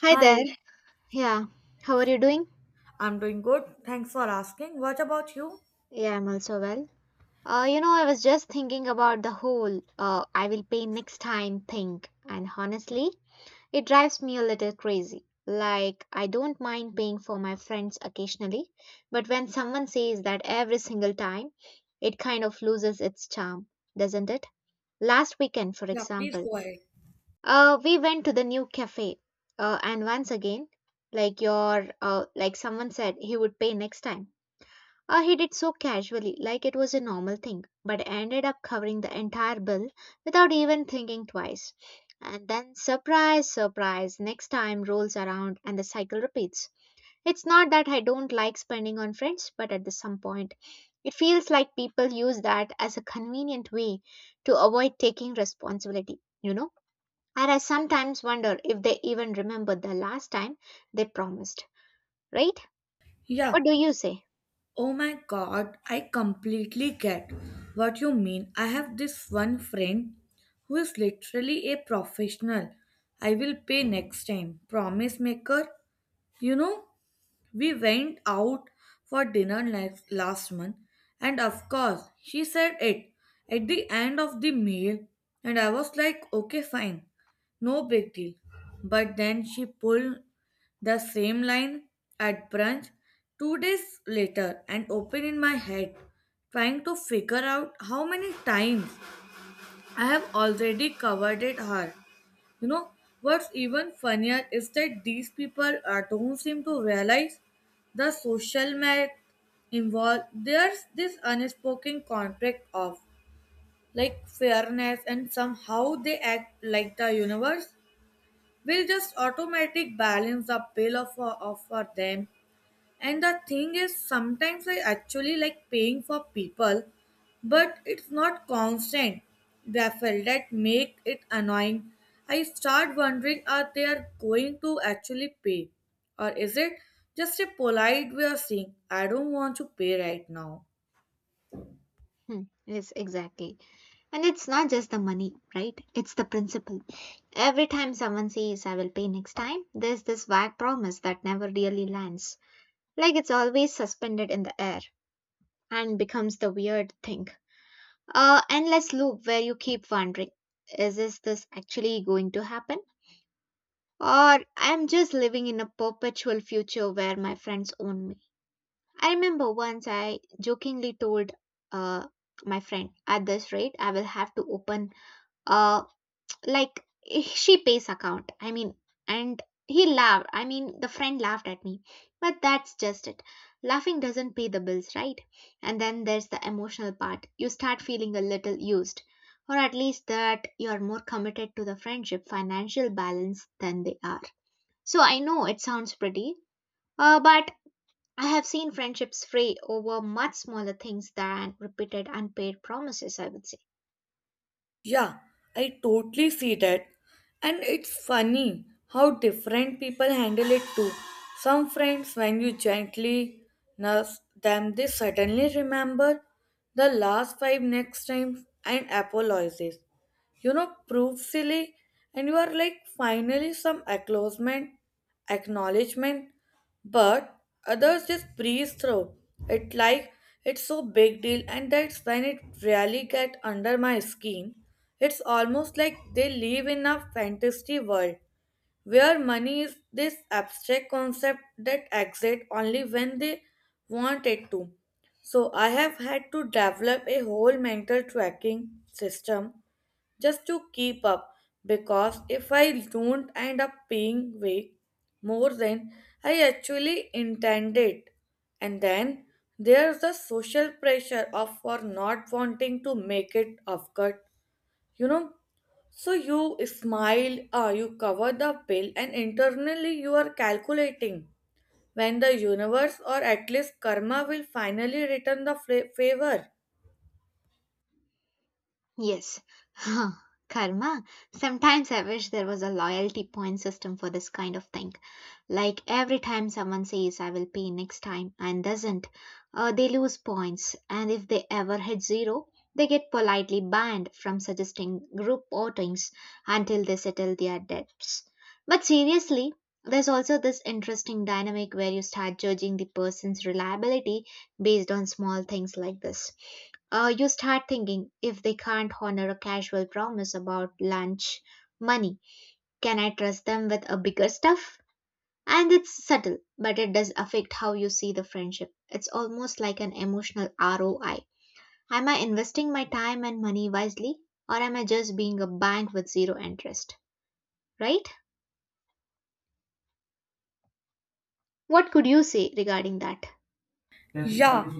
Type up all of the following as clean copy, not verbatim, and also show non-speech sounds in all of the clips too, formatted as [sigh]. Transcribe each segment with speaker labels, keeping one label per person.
Speaker 1: Hi
Speaker 2: Hi,
Speaker 1: there. Yeah. How are you doing?
Speaker 2: I'm doing good. Thanks for asking. What about you?
Speaker 1: Yeah, I'm also well. I was just thinking about the whole I will pay next time thing, and honestly, it drives me a little crazy. Like, I don't mind paying for my friends occasionally, but when someone says that every single time, it kind of loses its charm, doesn't it? Last weekend, for
Speaker 2: Yeah, please
Speaker 1: example,
Speaker 2: go ahead.
Speaker 1: we went to the new cafe, and once again, like your, like someone said, he would pay next time. He did so casually, like it was a normal thing, but ended up covering the entire bill without even thinking twice. And then, surprise, surprise, next time rolls around and the cycle repeats. It's not that I don't like spending on friends, but at this some point, it feels like people use that as a convenient way to avoid taking responsibility, you know? And I sometimes wonder if they even remember the last time they promised, right? What
Speaker 2: Yeah.
Speaker 1: do you say?
Speaker 2: Oh my God, I completely get what you mean. I have this one friend who is literally a professional I will pay next time promise maker. You know? We went out for dinner next, last month, and of course, she said it at the end of the meal, and I was like, okay, fine, no big deal. But then she pulled the same line at brunch two days later and opened in my head, trying to figure out how many times I have already covered it her. You know, what's even funnier is that these people don't seem to realize the social math involved. There's this unspoken contract of like fairness, and somehow they act like the universe will just automatic balance the bill of for them. And the thing is, sometimes I actually like paying for people, but it's not constant. Raffle that make it annoying. I start wondering are they are going to actually pay, or is it just a polite way of saying I don't want to pay right now?
Speaker 1: Hmm, yes, exactly. And it's not just the money, right? It's the principle. Every time someone says, I will pay next time, there's this vague promise that never really lands. Like it's always suspended in the air and becomes the weird thing. A endless loop where you keep wondering, is this actually going to happen? Or I'm just living in a perpetual future where my friends own me. I remember once I jokingly told uh, my friend, at this rate, I will have to open a, like, she pays account. I mean, and he laughed. I mean, the friend laughed at me, but that's just it. Laughing doesn't pay the bills, right? And then there's the emotional part. You start feeling a little used, or at least that you're more committed to the friendship financial balance than they are. So I know it sounds pretty, but I have seen friendships fray over much smaller things than repeated unpaid promises, I would say.
Speaker 2: Yeah, I totally see that. And it's funny how different people handle it too. Some friends, when you gently nurse them, they suddenly remember the last five next time and apologizes, you know, proved silly, and you are like finally some acknowledgement, acknowledgement, but others just breeze through it like it's so big deal, and that's when it really get under my skin. It's almost like they live in a fantasy world where money is this abstract concept that exists only when they want it to. So I have had to develop a whole mental tracking system just to keep up because if I don't end up paying way more than I actually intended. And then there's the social pressure of for not wanting to make it awkward, you know. So you smile, you cover the bill, and internally you are calculating when the universe or at least karma will finally return the favor.
Speaker 1: Yes. [laughs] Huh, karma. Sometimes I wish there was a loyalty point system for this kind of thing. Like every time someone says, I will pay next time, and doesn't, they lose points. And if they ever hit zero, they get politely banned from suggesting group outings until they settle their debts. But seriously, there's also this interesting dynamic where you start judging the person's reliability based on small things like this. You start thinking if they can't honor a casual promise about lunch money, can I trust them with a bigger stuff? And it's subtle, but it does affect how you see the friendship. It's almost like an emotional ROI. Am I investing my time and money wisely, or am I just being a bank with zero interest? Right? What could you say regarding that?
Speaker 2: Yes, yeah,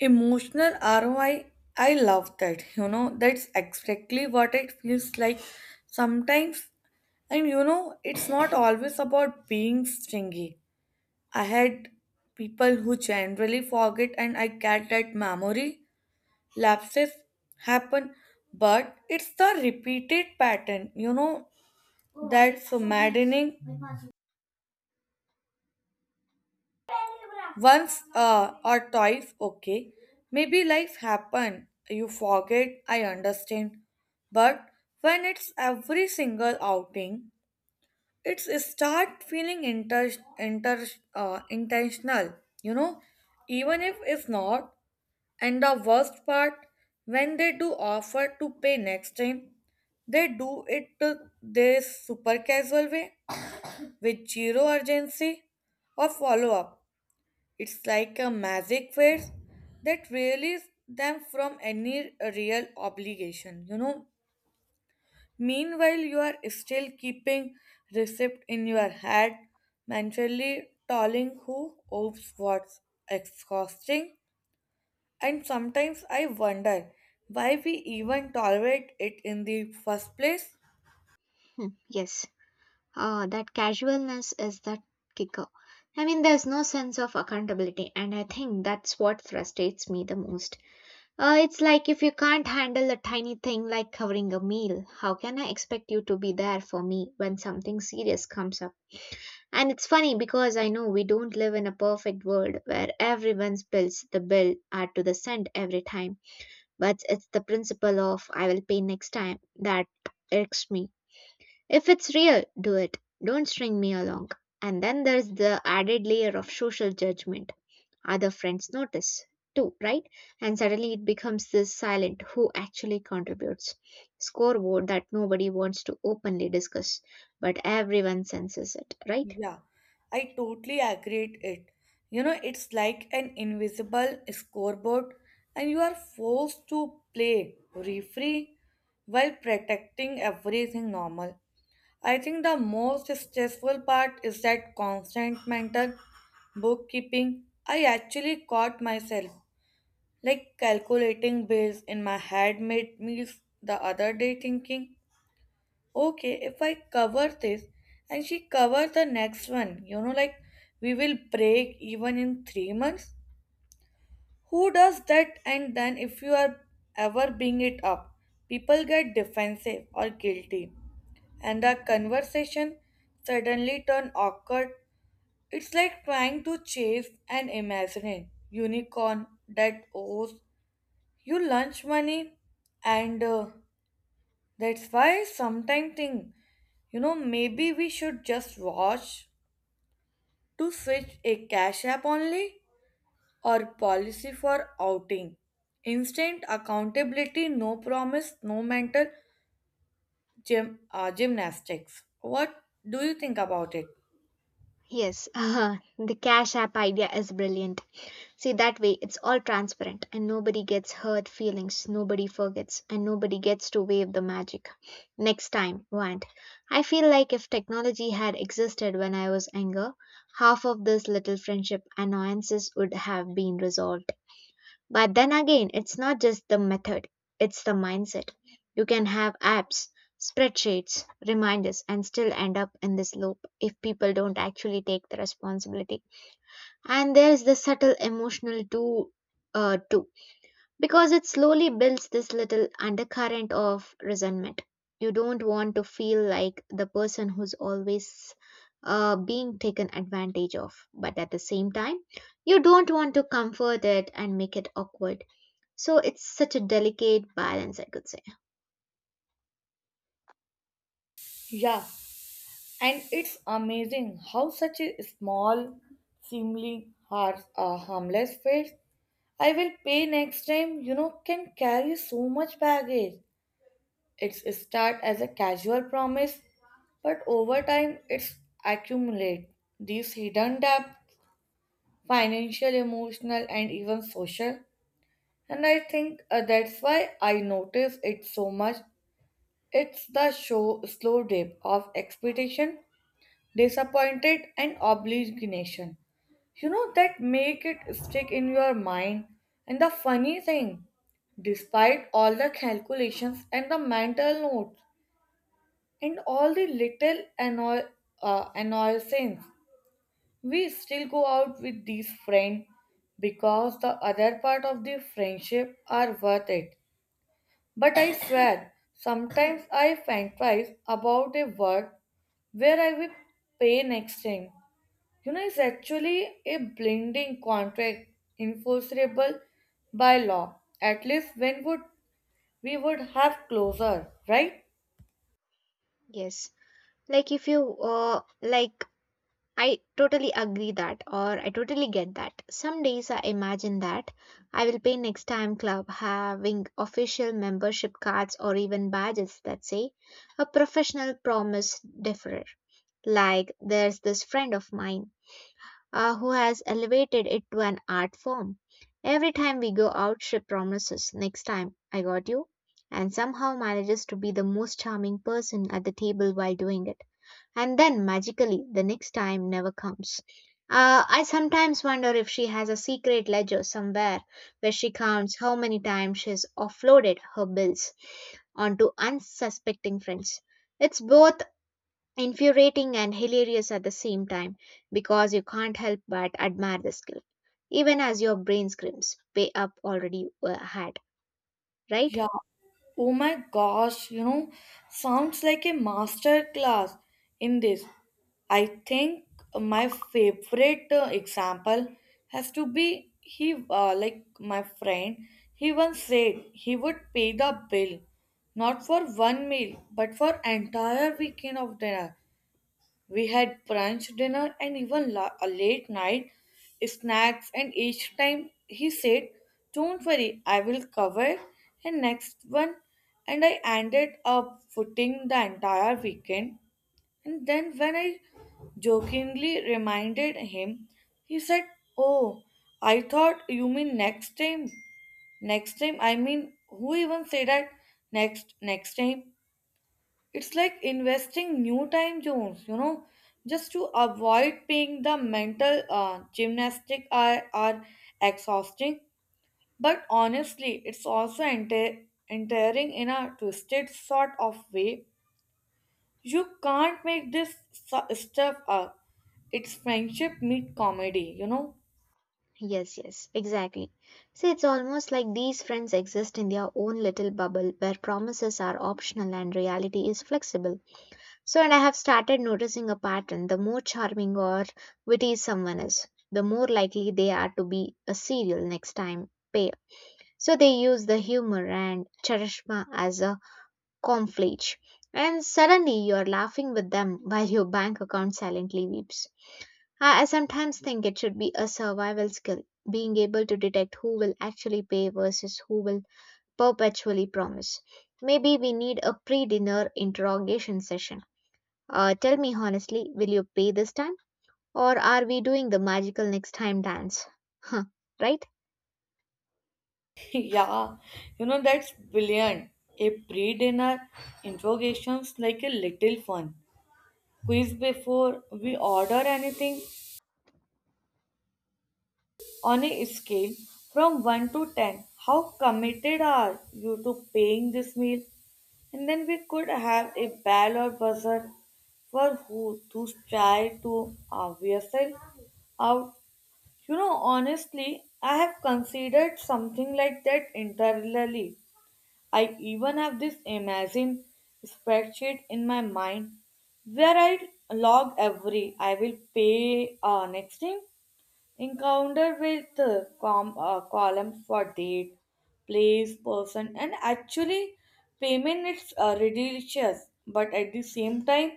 Speaker 2: emotional ROI, I love that. You know, that's exactly what it feels like sometimes. And you know, it's not always about being stingy. I had people who generally forget, and I get that memory lapses happen, but it's the repeated pattern, you know, that's maddening. Once or twice, okay. Maybe life happen, you forget, I understand. But when it's every single outing, it's start feeling inter, inter intentional, you know, even if it's not. And the worst part, when they do offer to pay next time, they do it to this super casual way with zero urgency or follow up. It's like a magic phrase that releases them from any real obligation, you know. Meanwhile, you are still keeping receipt in your head, mentally telling who owes what's exhausting. And sometimes I wonder why we even tolerate it in the first place.
Speaker 1: Hmm, yes. That casualness is the kicker. I mean, there's no sense of accountability, and I think that's what frustrates me the most. It's like if you can't handle a tiny thing like covering a meal, how can I expect you to be there for me when something serious comes up? And it's funny because I know we don't live in a perfect world where everyone spills the bill are to the cent every time, but it's the principle of I will pay next time that irks me. If it's real, do it. Don't string me along. And then there's the added layer of social judgment. Other friends notice too, right? And suddenly it becomes this silent who actually contributes scoreboard that nobody wants to openly discuss, but everyone senses it, right?
Speaker 2: Yeah, I totally agree it. You know, it's like an invisible scoreboard and you are forced to play referee while protecting everything normal. I think the most stressful part is that constant mental bookkeeping. I actually caught myself like calculating bills in my head made meals the other day thinking okay, if I cover this and she cover the next one, you know, like we will break even in three months. Who does that? And then if you are ever bring it up, people get defensive or guilty, and the conversation suddenly turn awkward. It's like trying to chase an imaginary unicorn that owes you lunch money and. That's why sometimes think, you know, maybe we should just watch to switch a cash app only or policy for outing. Instant accountability, no promise, no mental gymnastics. What do you think about it?
Speaker 1: Yes, [laughs] the Cash App idea is brilliant. See, that way it's all transparent and nobody gets hurt feelings, nobody forgets, and nobody gets to wave the magic. Next time, want. I feel like if technology had existed when I was younger, half of this little friendship annoyances would have been resolved. But then again, it's not just the method, it's the mindset. You can have apps, spreadsheets, reminders, and still end up in this loop if people don't actually take the responsibility. And there is the subtle emotional too, too, because it slowly builds this little undercurrent of resentment. You don't want to feel like the person who's always, being taken advantage of, but at the same time you don't want to comfort it and make it awkward. So it's such a delicate balance, I could say.
Speaker 2: Yeah, and it's amazing how such a small, seemingly harmless face I will pay next time, you know, can carry so much baggage. It's start as a casual promise, but over time it's accumulate these hidden depth, financial, emotional, and even social. And I think that's why I notice it so much. It's the show slow dip of expectation, disappointed, and obligation. You know that make it stick in your mind. And the funny thing, despite all the calculations and the mental notes. And all the little annoyances. We still go out with these friends because the other part of the friendship are worth it. But I swear, sometimes I fantasize about a world where I will pay next time. You know, it's actually a blending contract enforceable by law. At least when would we would have closure, right?
Speaker 1: Yes. Like if you, like, I totally agree that, or I totally get that. Some days I imagine that I will pay next time club having official membership cards or even badges that say a professional promise deferrer. Like there's this friend of mine who has elevated it to an art form. Every time we go out, she promises next time I got you, and somehow manages to be the most charming person at the table while doing it, and then magically the next time never comes. I sometimes wonder if she has a secret ledger somewhere where she counts how many times she's offloaded her bills onto unsuspecting friends. It's both infuriating and hilarious at the same time because you can't help but admire the skill, even as your brain screams, pay up already had, right?
Speaker 2: Yeah. Oh my gosh, you know, sounds like a master class in this. I think my favorite example has to be like my friend, he once said he would pay the bill not for one meal but for entire weekend of dinner. We had brunch, dinner, and even a late night snacks. And each time he said, don't worry, I will cover. And next one, and I ended up footing the entire weekend. And then when I jokingly reminded him, he said, oh, I thought you mean next time. Next time, I mean, who even say that? Next time. It's like investing new time zones, you know, just to avoid paying the mental gymnastic are exhausting. But honestly, it's also entering in a twisted sort of way. You can't make this stuff up. It's friendship meet comedy, you know.
Speaker 1: Yes, yes, exactly. See, it's almost like these friends exist in their own little bubble where promises are optional and reality is flexible. So, and I have started noticing a pattern, the more charming or witty someone is, the more likely they are to be a serial next time pair. So, they use the humor and charisma as a conflage. And suddenly you're laughing with them while your bank account silently weeps. I sometimes think it should be a survival skill, being able to detect who will actually pay versus who will perpetually promise. Maybe we need a pre dinner interrogation session. Tell me honestly, will you pay this time? Or are we doing the magical next time dance? [laughs] Huh, right?
Speaker 2: [laughs] Yeah, you know, that's brilliant. A pre dinner interrogation's like a little fun. Quiz before we order anything, on a scale from 1 to 10, how committed are you to paying this meal? And then we could have a bell or buzzer for who to try to yourself out. You know, honestly, I have considered something like that internally. I even have this imagine spreadsheet in my mind where I log every I will pay next thing encounter with columns for date, place, person, and actually payment is ridiculous, but at the same time,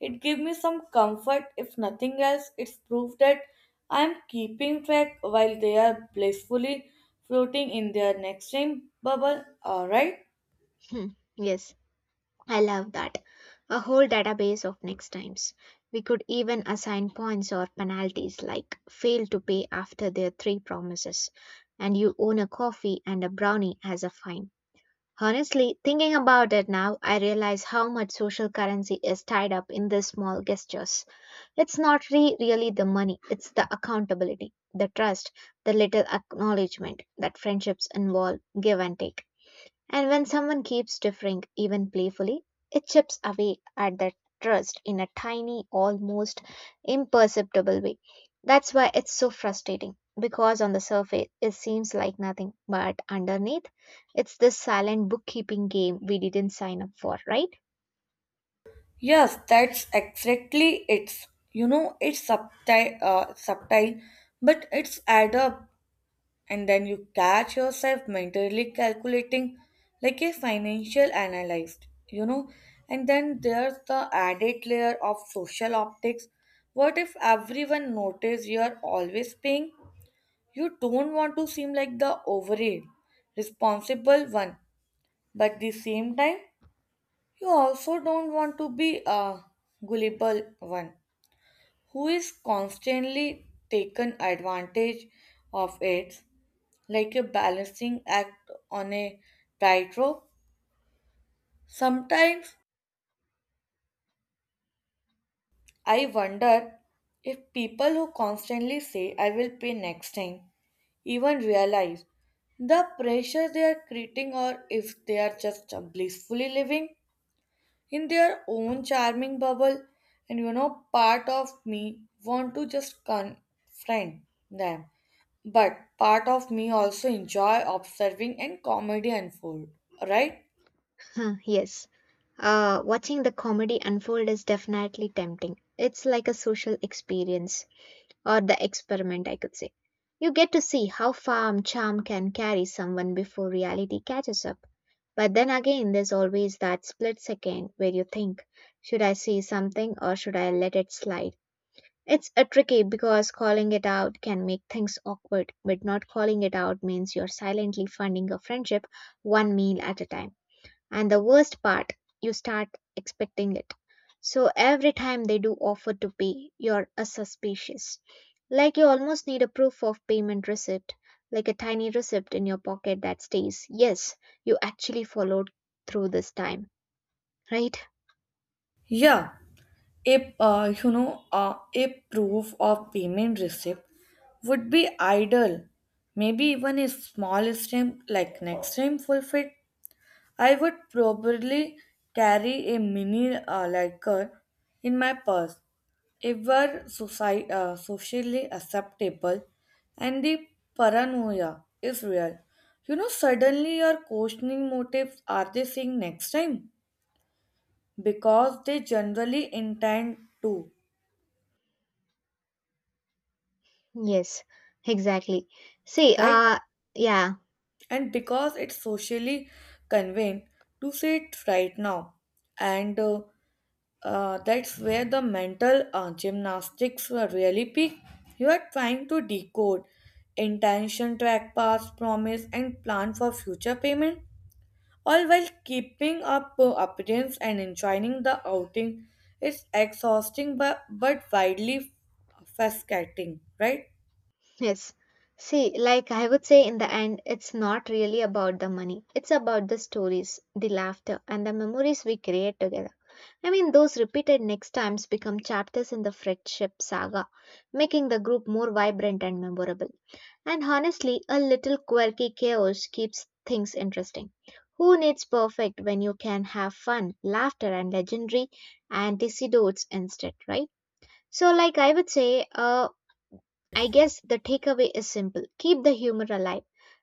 Speaker 2: it gave me some comfort. If nothing else, it's proof that I am keeping track while they are blissfully floating in their next time bubble. Alright.
Speaker 1: Hmm, yes. I love that. A whole database of next times. We could even assign points or penalties like fail to pay after their three promises, and you own a coffee and a brownie as a fine. Honestly, thinking about it now, I realize how much social currency is tied up in these small gestures. It's not re- really the money, it's the accountability, the trust, the little acknowledgement that friendships involve give and take. And when someone keeps differing, even playfully, it chips away at that trust in a tiny, almost imperceptible way. That's why it's so frustrating, because on the surface it seems like nothing, but underneath it's this silent bookkeeping game we didn't sign up for, right?
Speaker 2: Yes, that's exactly it. You know, it's subtle, but it's add up. And then you catch yourself mentally calculating like a financial analyst, you know, and then there's the added layer of social optics. What if everyone notices you are always paying? You don't want to seem like the overhead responsible one, but the same time you also don't want to be a gullible one who is constantly taken advantage of it, like a balancing act on a tightrope. Sometimes I wonder if people who constantly say, I will pay next time, even realize the pressure they are creating or if they are just blissfully living in their own charming bubble. And you know, part of me want to just confront them. But part of me also enjoy observing and comedy unfold, right?
Speaker 1: Huh, yes. Watching the comedy unfold is definitely tempting. It's like a social experience or the experiment, I could say. You get to see how far charm can carry someone before reality catches up. But then again, there's always that split second where you think, should I say something or should I let it slide? It's a tricky because calling it out can make things awkward, but not calling it out means you're silently funding a friendship one meal at a time. And the worst part, you start expecting it. So every time they do offer to pay, you're a suspicious. Like you almost need a proof of payment receipt, like a tiny receipt in your pocket that states, yes, you actually followed through this time, right?
Speaker 2: Yeah, a you know a proof of payment receipt would be ideal. Maybe even a small stamp like next time forfeit. I would probably carry a mini lighter in my purse ever socially acceptable and the paranoia is real. You know, suddenly your questioning motives are they seeing next time? Because they generally intend to,
Speaker 1: Yes, exactly. See,
Speaker 2: right?
Speaker 1: yeah,
Speaker 2: And because it's socially convenient to say it right now and that's where the mental gymnastics were really peak. You are trying to decode intention, track past promise, and plan for future payment, all while keeping up appearance and enjoying the outing. It's exhausting but widely fascinating, right?
Speaker 1: yes. See, like I would say in the end, it's not really about the money. It's about the stories, the laughter, and the memories we create together. I mean, those repeated next times become chapters in the friendship saga, making the group more vibrant and memorable. And honestly, a little quirky chaos keeps things interesting. Who needs perfect when you can have fun, laughter, and legendary and antecedents instead, right? So, like I would say, I guess the takeaway is simple, keep the humor alive,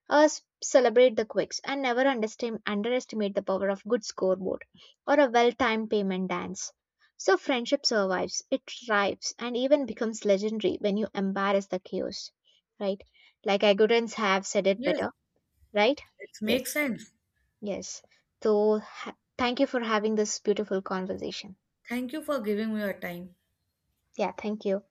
Speaker 1: us celebrate the quirks, and never underestimate the power of good scoreboard or a well timed payment dance. So, friendship survives, it thrives, and even becomes legendary when you embarrass the chaos, right? Like I couldn't have said it
Speaker 2: Yes,
Speaker 1: better, right?
Speaker 2: it makes
Speaker 1: Yes,
Speaker 2: sense.
Speaker 1: yes. So, thank you for having this beautiful conversation.
Speaker 2: Thank you for giving me your time.
Speaker 1: Yeah, thank you.